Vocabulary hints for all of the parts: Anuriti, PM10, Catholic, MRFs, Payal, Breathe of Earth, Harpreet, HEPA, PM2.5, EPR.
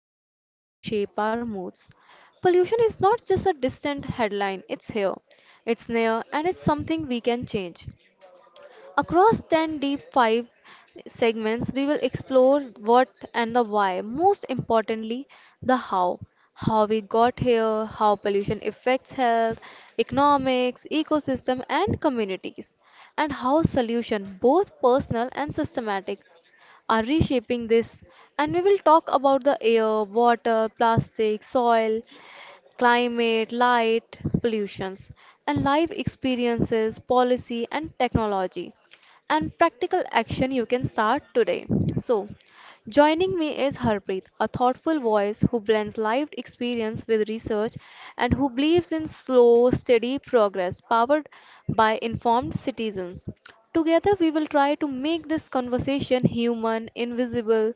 soundscapes that shape our moods. Pollution is not just a distant headline, it's here, it's near, and it's something we can change. Across 10 deep 5 segments, we will explore what and the why, most importantly, the how. How we got here, how pollution affects health, economics, ecosystem, and communities, and how solutions, both personal and systematic, are reshaping this. And we will talk about the air, water, plastic, soil, climate, light, pollutions, and life experiences, policy and technology, and practical action you can start today. So, joining me is Harpreet, a thoughtful voice who blends lived experience with research and who believes in slow, steady progress powered by informed citizens. Together, we will try to make this conversation human, invisible,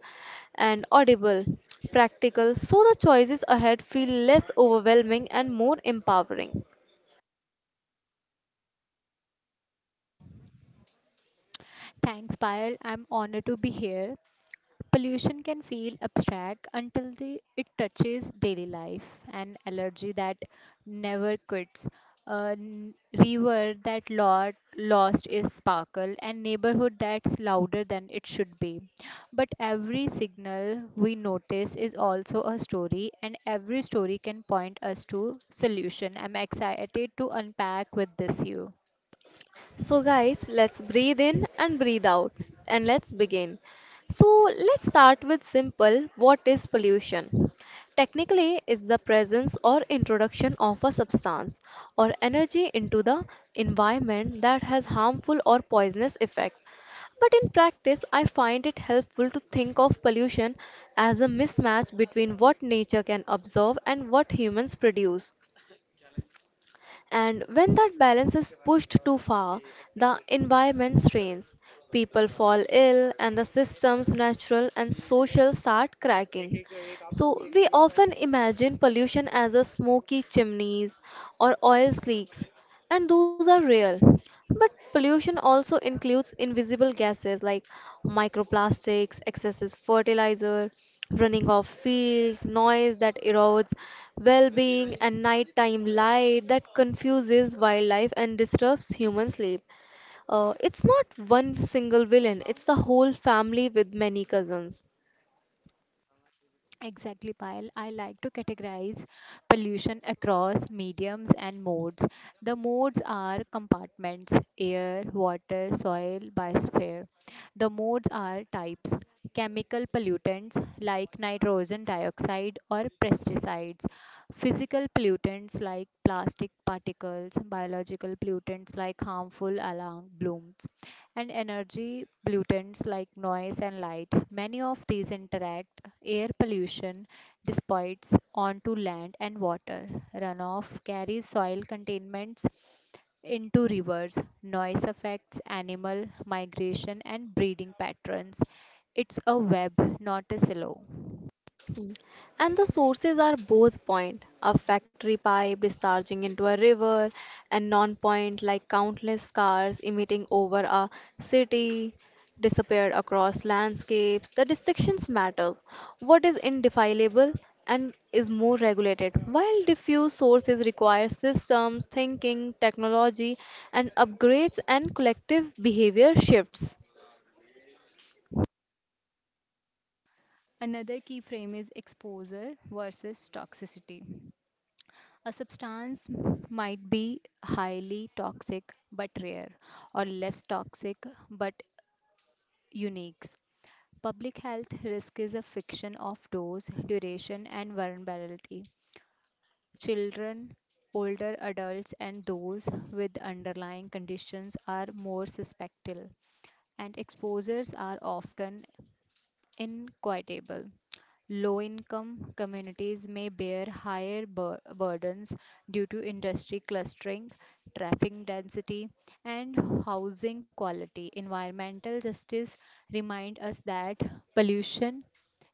and audible, practical, so the choices ahead feel less overwhelming and more empowering. Thanks, Payal. I'm honored to be here. Pollution can feel abstract until it touches daily life. An allergy that never quits, river that lost its sparkle, and neighborhood that's louder than it should be. But every signal we notice is also a story, and every story can point us to solution. I'm excited to unpack with this you. So, guys, let's breathe in and breathe out and let's begin. So, let's start with simple what is pollution? Technically, it's the presence or introduction of a substance or energy into the environment that has harmful or poisonous effect. But in practice, I find it helpful to think of pollution as a mismatch between what nature can absorb and what humans produce. And when that balance is pushed too far, the environment strains, people fall ill, and the system's natural and social start cracking. So, we often imagine pollution as a smoky chimneys or oil leaks, and those are real. But pollution also includes invisible gases like microplastics, excessive fertilizer, running off fields, noise that erodes well being, and nighttime light that confuses wildlife and disturbs human sleep. It's not one single villain, it's the whole family with many cousins. Exactly, Payal. I like to categorize pollution across mediums and modes. The modes are compartments air, water, soil, biosphere. The modes are types chemical pollutants like nitrogen dioxide or pesticides, physical pollutants like plastic particles, biological pollutants like harmful alarm blooms, and energy pollutants like noise and light. Many of these interact. Air pollution dissipates onto land and water. Runoff carries soil contaminants into rivers. Noise affects animal migration and breeding patterns. It's a web, not a silo. Mm. And the sources are both point, a factory pipe discharging into a river, and non-point like countless cars emitting over a city, disappeared across landscapes. The distinctions matters. What is indefinable and is more regulated, while diffuse sources require systems, thinking, technology, and upgrades and collective behavior shifts. Another key frame is exposure versus toxicity. A substance might be highly toxic but rare, or less toxic but uniques. Public health risk is a fiction of dose, duration, and vulnerability. Children, older adults, and those with underlying conditions are more susceptible, and exposures are often inequitable. Low income communities may bear higher burdens due to industry clustering, traffic density, and housing quality. Environmental justice remind us that pollution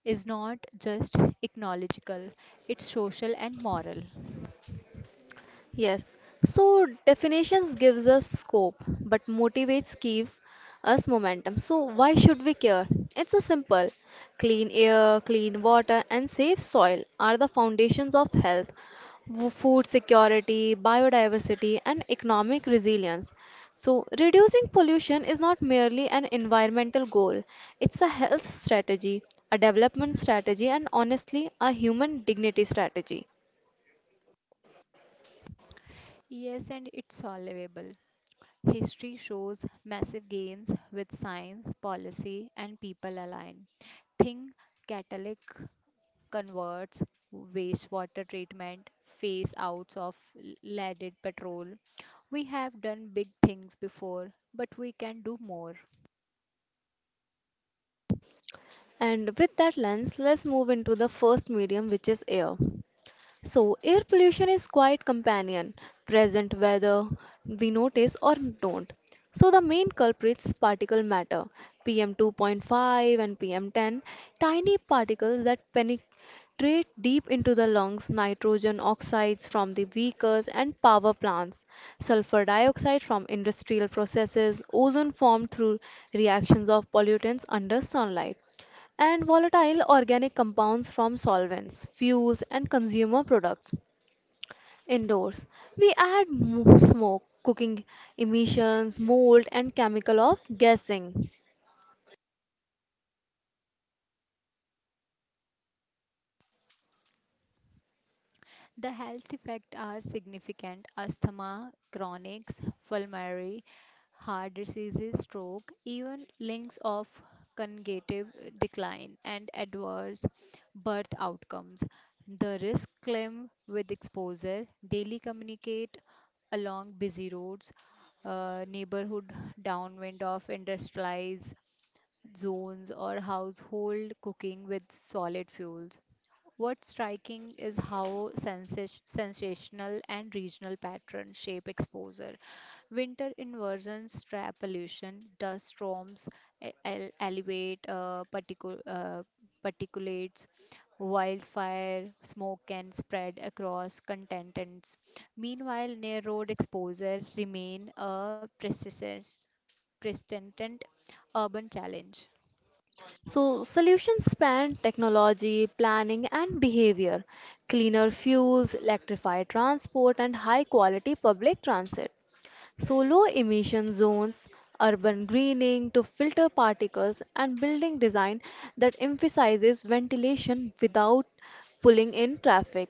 is not just ecological, it's social and moral. Yes, so definitions gives us scope, but motivates give us momentum. So why should we care? It's a simple. Clean air, clean water, and safe soil are the foundations of health, food security, biodiversity, and economic resilience. So reducing pollution is not merely an environmental goal. It's a health strategy, a development strategy, and honestly, a human dignity strategy. Yes, and it's solvable. History shows massive gains with science, policy, and people align. Think Catholic converts wastewater treatment, phase outs of leaded petrol. We have done big things before, but we can do more. And with that lens, let's move into the first medium, which is air. So, air pollution is quite companion, present whether we notice or don't. So, the main culprits particle matter, PM2.5 and PM10, tiny particles that penetrate deep into the lungs, nitrogen oxides from the vehicles and power plants, sulfur dioxide from industrial processes, ozone formed through reactions of pollutants under sunlight and volatile organic compounds from solvents, fuels, and consumer products. Indoors, we add smoke, cooking emissions, mold, and chemical of gassing. The health effects are significant. Asthma, chronics, pulmonary, heart diseases, stroke, even links of cognitive decline and adverse birth outcomes. The risk climb with exposure, daily communicate along busy roads, neighborhood downwind of industrialized zones or household cooking with solid fuels. What's striking is how sensational and regional patterns shape exposure. Winter inversions trap pollution, dust storms elevate particulates, wildfire smoke can spread across contestants. Meanwhile, near road exposure remain a persistent urban challenge. So, solutions span technology, planning, and behavior, cleaner fuels, electrified transport, and high quality public transit. So, low emission zones, urban greening to filter particles, and building design that emphasizes ventilation without pulling in traffic,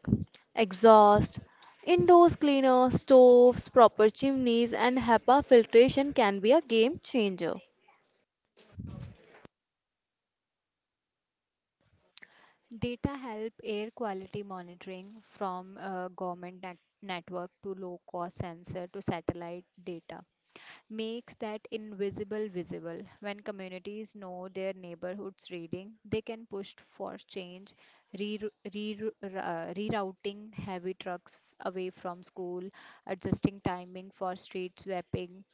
exhaust, indoor cleaner, stoves, proper chimneys, and HEPA filtration can be a game changer. Data help air quality monitoring from government network to low cost sensor to satellite data makes that invisible visible. When communities know their neighborhood's reading, they can push for change, re- re- uh, rerouting heavy trucks away from school, adjusting timing for street sweeping,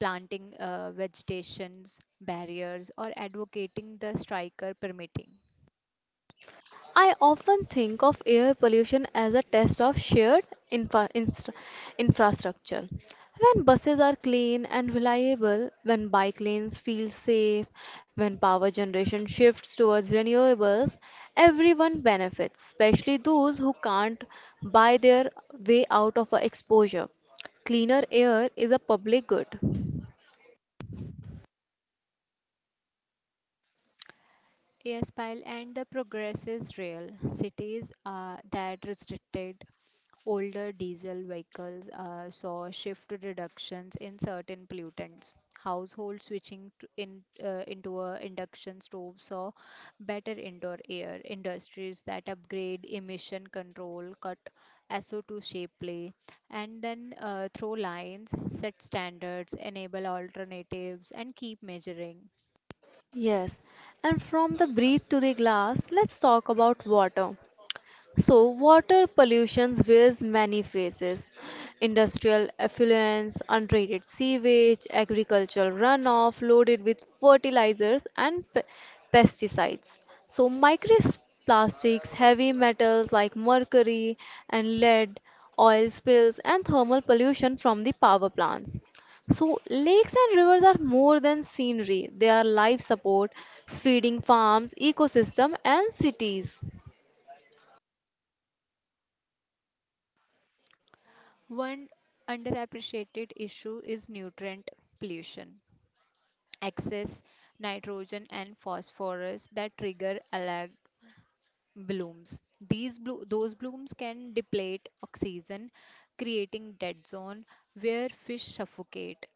planting vegetations barriers, or advocating the striker permitting. I often think of air pollution as a test of shared infra- inst- infrastructure. When buses are clean and reliable, when bike lanes feel safe, when power generation shifts towards renewables, everyone benefits, especially those who can't buy their way out of a exposure. Cleaner air is a public good. Yes, Pyle, and the progress is real. Cities that restricted older diesel vehicles saw shift reductions in certain pollutants. Households switching to into a induction stove saw better indoor air. Industries that upgrade emission control cut SO₂ shapely, and then throw lines, set standards, enable alternatives, and keep measuring. Yes, and from the breath to the glass, let's talk about water. So, water pollution wears many faces industrial effluents, untreated sewage, agricultural runoff loaded with fertilizers and pesticides. So, microplastics, heavy metals like mercury and lead, oil spills, and thermal pollution from the power plants. So, lakes and rivers are more than scenery, they are life support, feeding farms, ecosystem, and cities. One underappreciated issue is nutrient pollution, excess nitrogen and phosphorus that trigger algae blooms. Those blooms can deplete oxygen, creating dead zone where fish suffocate.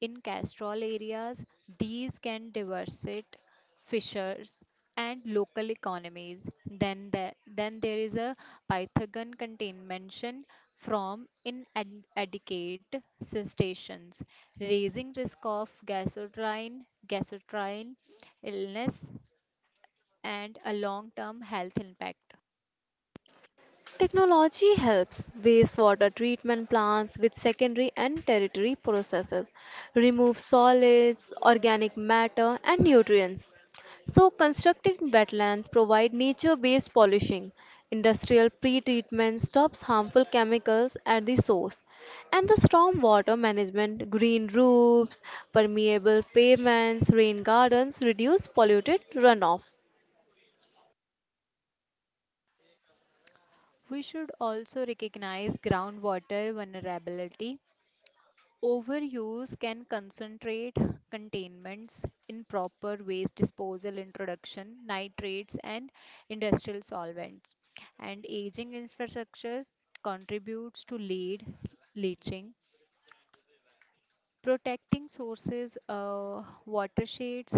In Castrol areas, these can devastate fishers and local economies. Then there is a Pythagorean contamination from inadequate cessations, raising risk of gastrointestinal illness and a long term health impact. Technology helps wastewater treatment plants with secondary and tertiary processes, remove solids, organic matter, and nutrients. So, constructed wetlands provide nature based pollution. Industrial pre treatment stops harmful chemicals at the source. And the stormwater management, green roofs, permeable pavements, rain gardens reduce polluted runoff. We should also recognize groundwater vulnerability. Overuse can concentrate containments, improper waste disposal introduction, nitrates, and industrial solvents. And aging infrastructure contributes to lead leaching protecting sources watersheds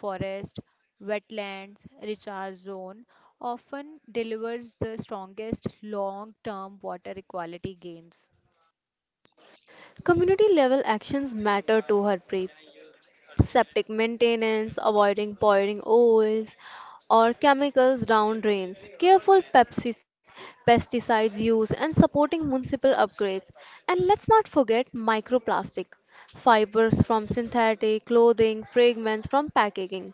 forest wetlands recharge zone often delivers the strongest long term water equality gains. Community level actions matter to Harpreet. Septic maintenance, avoiding pouring oils or chemicals down drains, careful pesticides use, and supporting municipal upgrades. And let's not forget microplastic, fibers from synthetic clothing, fragments from packaging.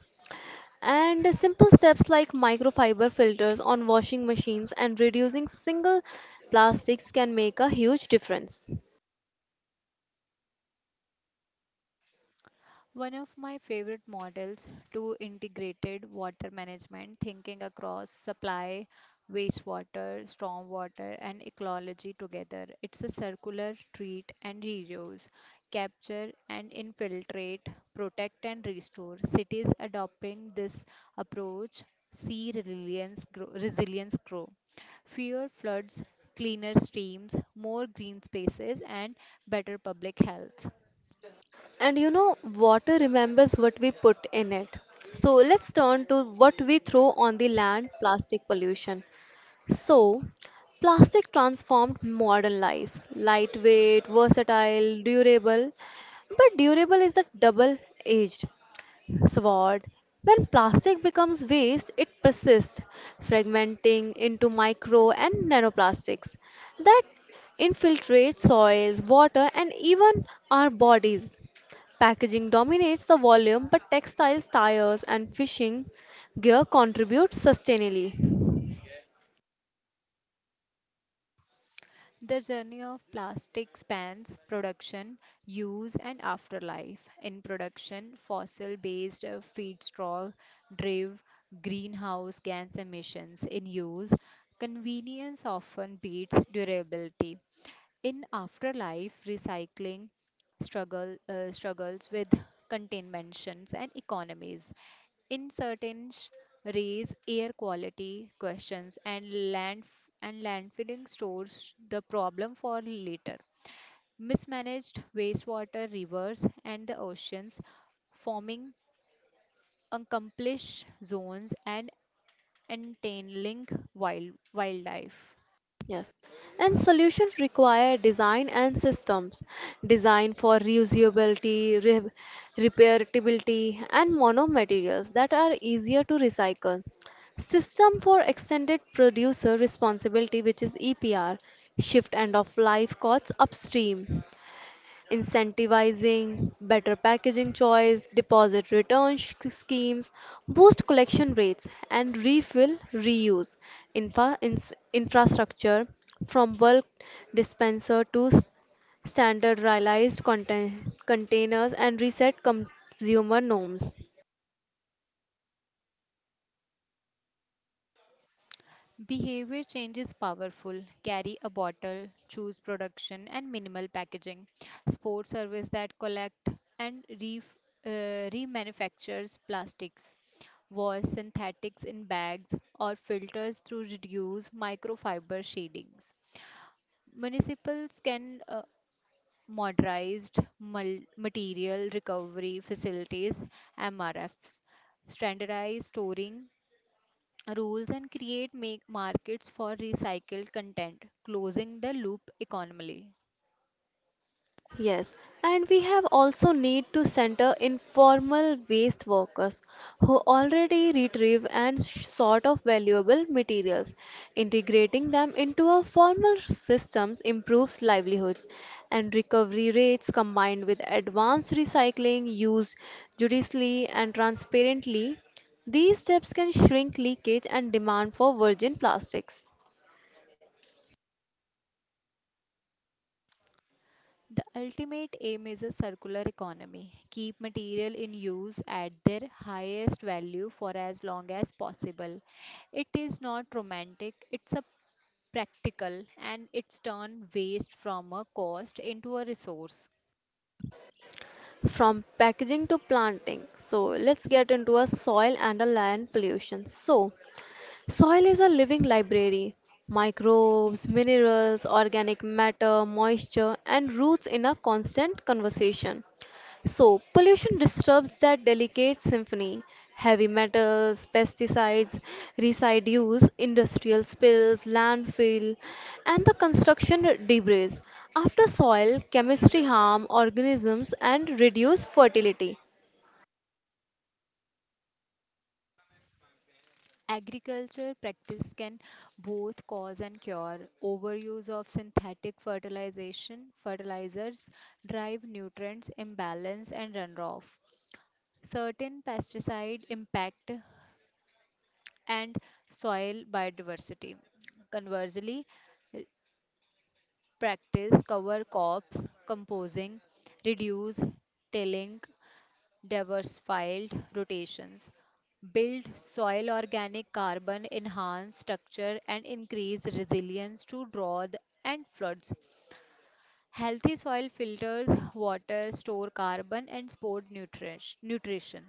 And simple steps like microfiber filters on washing machines and reducing single plastics can make a huge difference. One of my favorite models to integrated water management, thinking across supply, wastewater, stormwater, and ecology together. It's a circular treat and reuse, capture and infiltrate, protect and restore. Cities adopting this approach see resilience grow. Resilience grow. Fewer floods, cleaner streams, more green spaces, and better public health. And you know, water remembers what we put in it. So let's turn to what we throw on the land plastic pollution. So, plastic transformed modern life lightweight, versatile, durable. But durable is the double edged. Sword. When plastic becomes waste, it persists, fragmenting into micro and nanoplastics that infiltrate soils, water, and even our bodies. Packaging dominates the volume, but textiles, tires, and fishing gear contribute sustainably. The journey of plastic spans production, use, and afterlife. In production, fossil based feedstock drive greenhouse gas emissions. In use, convenience often beats durability. In afterlife, recycling struggle struggles with contaminations and economies in certain raise air quality questions and land landfilling stores the problem for later mismanaged wastewater rivers and the oceans forming accomplished zones and entailing wildlife. Yes, and solutions require design and systems. Design for reusability, repairability, and monomaterials that are easier to recycle. System for extended producer responsibility, which is EPR, shift end of life costs upstream incentivizing better packaging choice, deposit return schemes, boost collection rates, and refill reuse infrastructure from bulk dispenser to standardized containers and reset consumer norms. Behavior change is powerful. Carry a bottle, choose production and minimal packaging. Sports service that collect and re, uh, remanufactures plastics. Wash synthetics in bags or filters through reduce microfiber shadings. Municipals can modernized material recovery facilities MRFs, standardized storing rules and create make markets for recycled content, closing the loop economically. Yes, and we have also need to center informal waste workers who already retrieve and sort of valuable materials. Integrating them into our formal systems improves livelihoods and recovery rates combined with advanced recycling used judiciously and transparently. These steps can shrink leakage and demand for virgin plastics. The ultimate aim is a circular economy. Keep material in use at their highest value for as long as possible. It is not romantic, it's a practical and it's turn waste from a cost into a resource. From packaging to planting. So let's get into a soil and a land pollution. So soil is a living library. Microbes, minerals, organic matter, moisture, and roots in a constant conversation. So, pollution disturbs that delicate symphony. Heavy metals, pesticides, residues, industrial spills, landfill, and the construction debris. After soil, chemistry harm organisms and reduce fertility. Agriculture practice can both cause and cure. Overuse of synthetic fertilization fertilizers drive nutrients imbalance and runoff. Certain pesticide impact and soil biodiversity. Conversely, practice cover crops, composing, reduce tilling diversified rotations, build soil organic carbon, enhance structure and increase resilience to drought and floods. Healthy soil filters water, store carbon and support nutrition.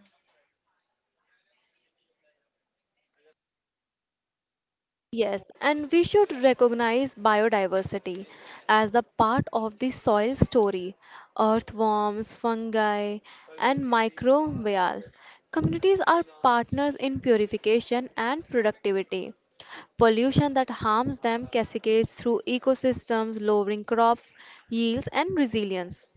Yes, and we should recognize biodiversity as the part of the soil story. Earthworms, fungi, and microbial communities are partners in purification and productivity. Pollution that harms them cascades through ecosystems, lowering crop yields and resilience.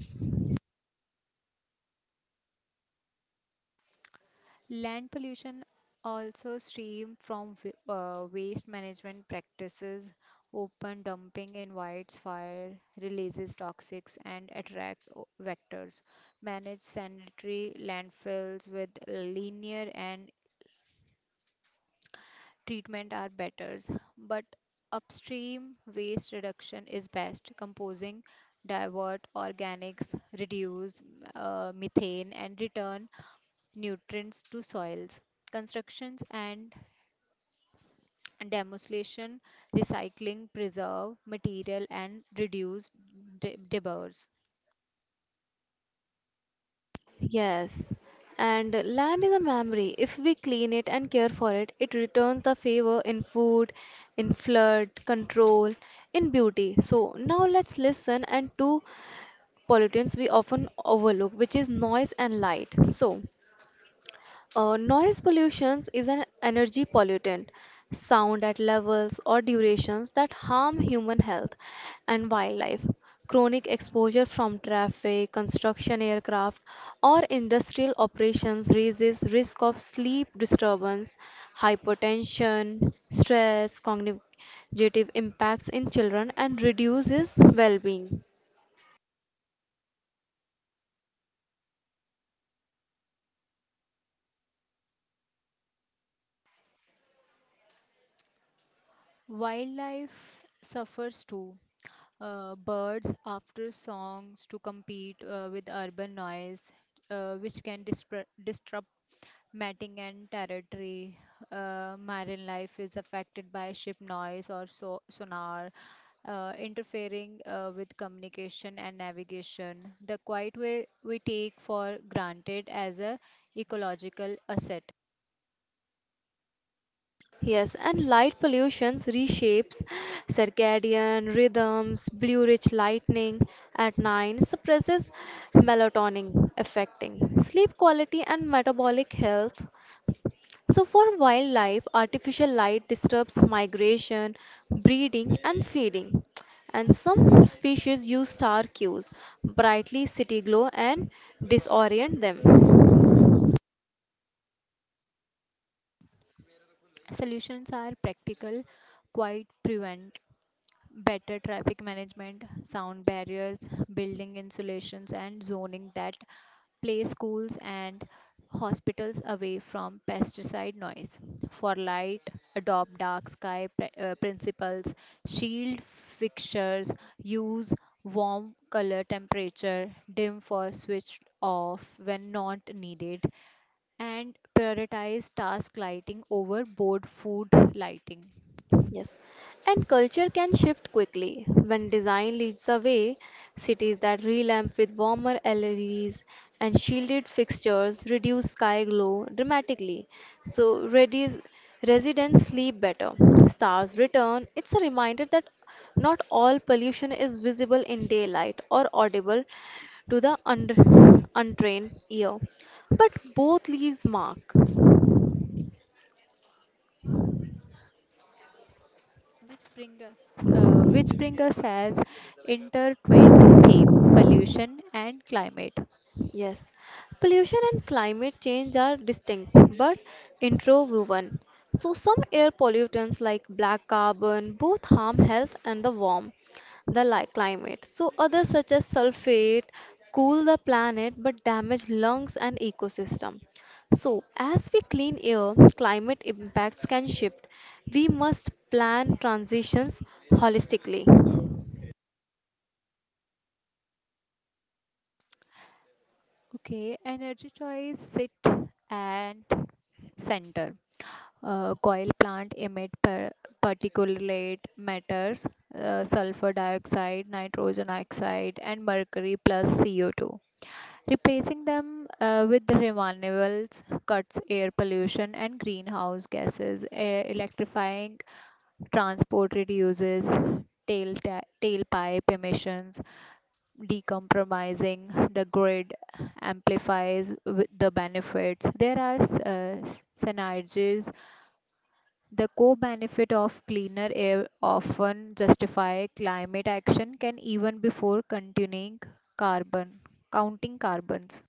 Land pollution also stream from waste management practices, open dumping invites fire, releases toxics and attracts vectors. Manage sanitary landfills with linear and treatment are better, but upstream waste reduction is best. Composing, divert organics, reduce methane and return nutrients to soils constructions and demolition, recycling, preserve material, and reduce debris. Yes, and land is a memory. If we clean it and care for it, it returns the favor in food, in flood control, in beauty. So now let's listen and two pollutants we often overlook, which is noise and light. So noise pollution is an energy pollutant, sound at levels or durations that harm human health and wildlife. Chronic exposure from traffic, construction aircraft, or industrial operations raises risk of sleep disturbance, hypertension, stress, cognitive impacts in children, and reduces well-being. Wildlife suffers too. Birds after songs to compete with urban noise, which can disrupt mating and territory. Marine life is affected by ship noise or sonar, interfering with communication and navigation. The quiet we take for granted as a ecological asset. Yes, and light pollution reshapes circadian rhythms, blue rich lightning at night suppresses melatonin, affecting sleep quality and metabolic health. So, for wildlife, artificial light disturbs migration, breeding, and feeding. And some species use star cues, brightly city glow, and disorient them. Solutions are practical, quiet prevent better traffic management, sound barriers, building insulations, and zoning that place schools and hospitals away from pesticide noise. For light, adopt dark sky principles, shield fixtures, use warm color temperature, dim for switched off when not needed, and prioritize task lighting over board food lighting. Yes. And culture can shift quickly. When design leads the way, cities that relamp with warmer LEDs and shielded fixtures reduce sky glow dramatically. So residents sleep better. Stars return. It's a reminder that not all pollution is visible in daylight or audible to the untrained ear. But both leaves mark. Which bring us as intertwined theme pollution and climate. Yes, pollution and climate change are distinct but interwoven. So, some air pollutants like black carbon both harm health and the climate. So, others such as sulfate cool the planet but damage lungs and ecosystem. So, as we clean air, climate impacts can shift. We must plan transitions holistically. Okay, energy choice sit and center coil plant emit particulate matters sulfur dioxide nitrogen oxide and mercury plus CO₂ replacing them with the renewables cuts air pollution and greenhouse gases electrifying transport reduces tailpipe emissions, decompromising the grid amplifies with the benefits. There are synergies. The co-benefit of cleaner air often justify climate action can even before continuing carbon counting carbons.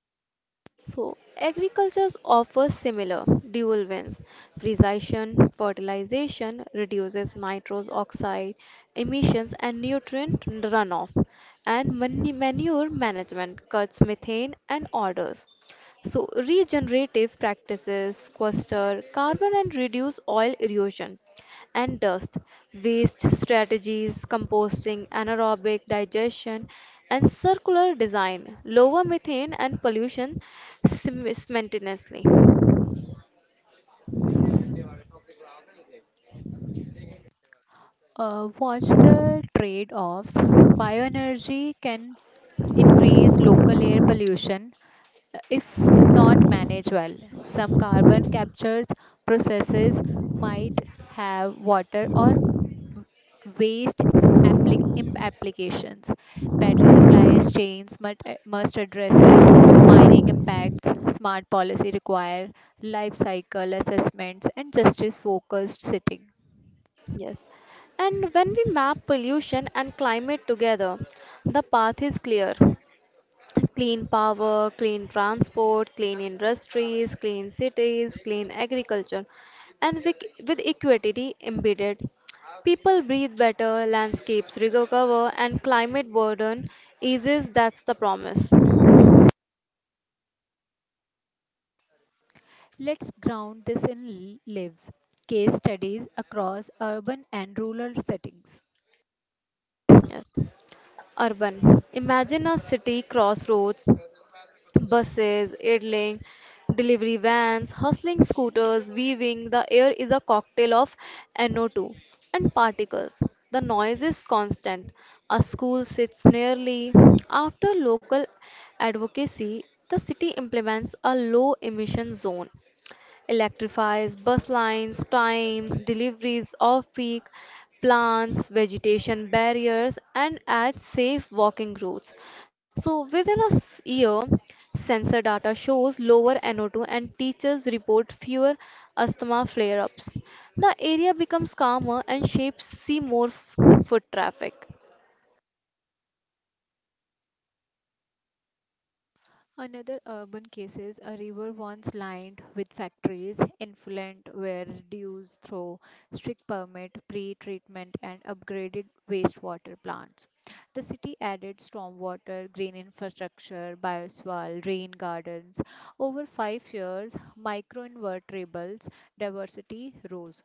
So, agriculture offers similar dual wins. Precision fertilization reduces nitrous oxide emissions and nutrient runoff, and manure management cuts methane and odors. So, regenerative practices sequester carbon and reduce soil erosion and dust, waste strategies, composting, anaerobic digestion, and circular design lower methane and pollution simultaneously. Watch the trade-offs. Bioenergy can increase local air pollution if not managed well. Some carbon capture processes might have water or waste applications. Battery supplies chains must addresses mining impacts. Smart policy require life cycle assessments and justice focused sitting. Yes. And when we map pollution and climate together, the path is clear. Clean power, clean transport, clean industries, clean cities, clean agriculture, and with equity embedded. People breathe better, landscapes recover, and climate burden eases. That's the promise. Let's ground this in lives case studies across urban and rural settings. Yes. Urban. Imagine a city crossroads buses, idling, delivery vans, hustling scooters, weaving, the air is a cocktail of NO2 and particles. The noise is constant. A school sits nearly. After local advocacy, the city implements a low emission zone electrifies bus lines, times, deliveries off peak, plants, vegetation barriers, and adds safe walking routes. So, within a year, sensor data shows lower NO2 and teachers report fewer asthma flare ups. The area becomes calmer and shapes see more foot traffic. Another urban cases, a river once lined with factories, influent were reduced through strict permit, pre-treatment and upgraded wastewater plants. The city added stormwater, green infrastructure, bioswale, rain gardens. Over 5 years, microinvertebrates diversity rose.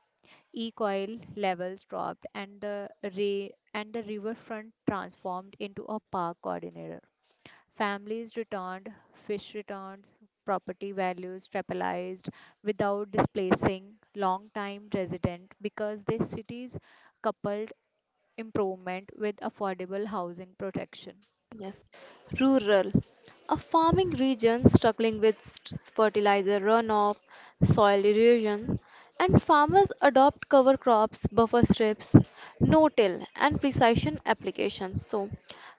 E-coil levels dropped and the riverfront transformed into a park corridor. Families returned, fish returns, property values stabilized without displacing long-time resident because the cities coupled improvement with affordable housing protection. Yes, rural. A farming region struggling with fertilizer runoff, soil erosion, and farmers adopt cover crops, buffer strips, no-till, and precision applications. So,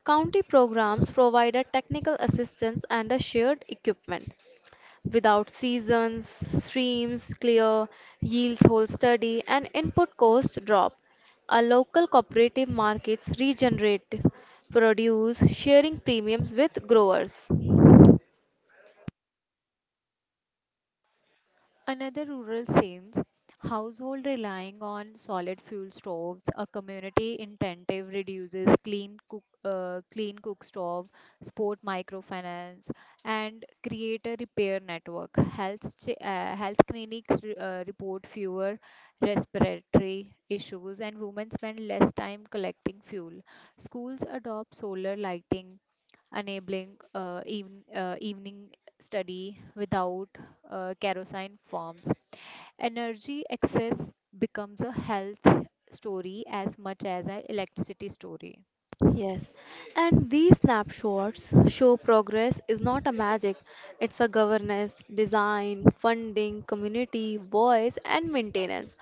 county programs provide a technical assistance and a shared equipment without seasons, streams clear, yields hold steady, and input costs drop. A local cooperative markets regenerate produce, sharing premiums with growers. Another rural scenes, household relying on solid fuel stoves, a community incentive reduces clean cook stove, sport microfinance, and create a repair network. Health clinics report fewer respiratory issues, and women spend less time collecting fuel. Schools adopt solar lighting enabling evening study without kerosene forms. Energy excess becomes a health story as much as an electricity story. Yes, and these snapshots show progress is not a magic, it's a governance, design, funding, community, voice, and maintenance.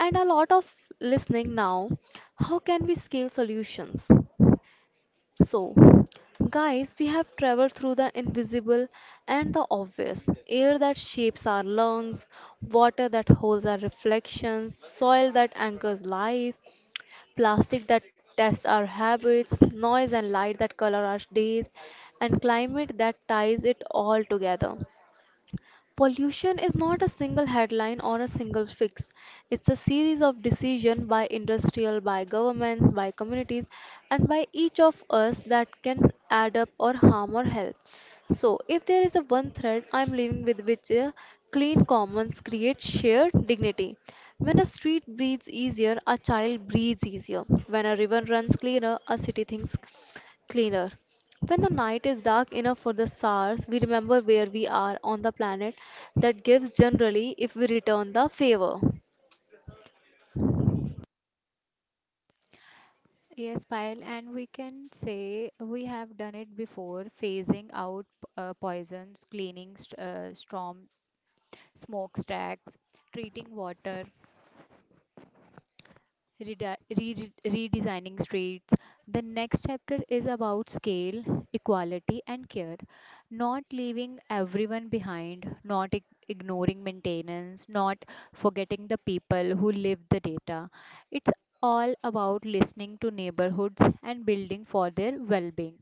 And a lot of listening now. How can we scale solutions? So, guys, we have traveled through the invisible and the obvious air that shapes our lungs, water that holds our reflections, soil that anchors life, plastic that tests our habits, noise and light that color our days, and climate that ties it all together. Pollution is not a single headline or a single fix. It's a series of decisions by industrial, by governments, by communities, and by each of us that can add up or harm or help. So, if there is a one thread I'm living with, which is clean commons create shared dignity. When a street breathes easier, a child breathes easier. When a river runs cleaner, a city thinks cleaner. When the night is dark enough for the stars, we remember where we are on the planet. That gives generally if we return the favor. Yes, Payal, and we can say we have done it before, phasing out poisons, cleaning storm smokestacks, treating water redesigning streets. The next chapter is about scale, equality, and care. Not leaving everyone behind, not ignoring maintenance, not forgetting the people who live the data. It's all about listening to neighborhoods and building for their well being.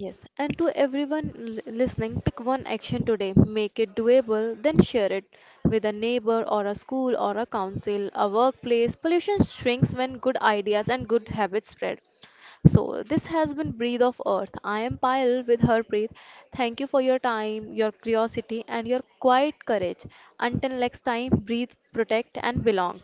Yes, and to everyone listening, pick one action today, make it doable, then share it with a neighbor or a school or a council, a workplace. Pollution shrinks when good ideas and good habits spread. So, this has been Breathe of Earth. I am Payal with Harpreet. Thank you for your time, your curiosity, and your quiet courage. Until next time, breathe, protect, and belong.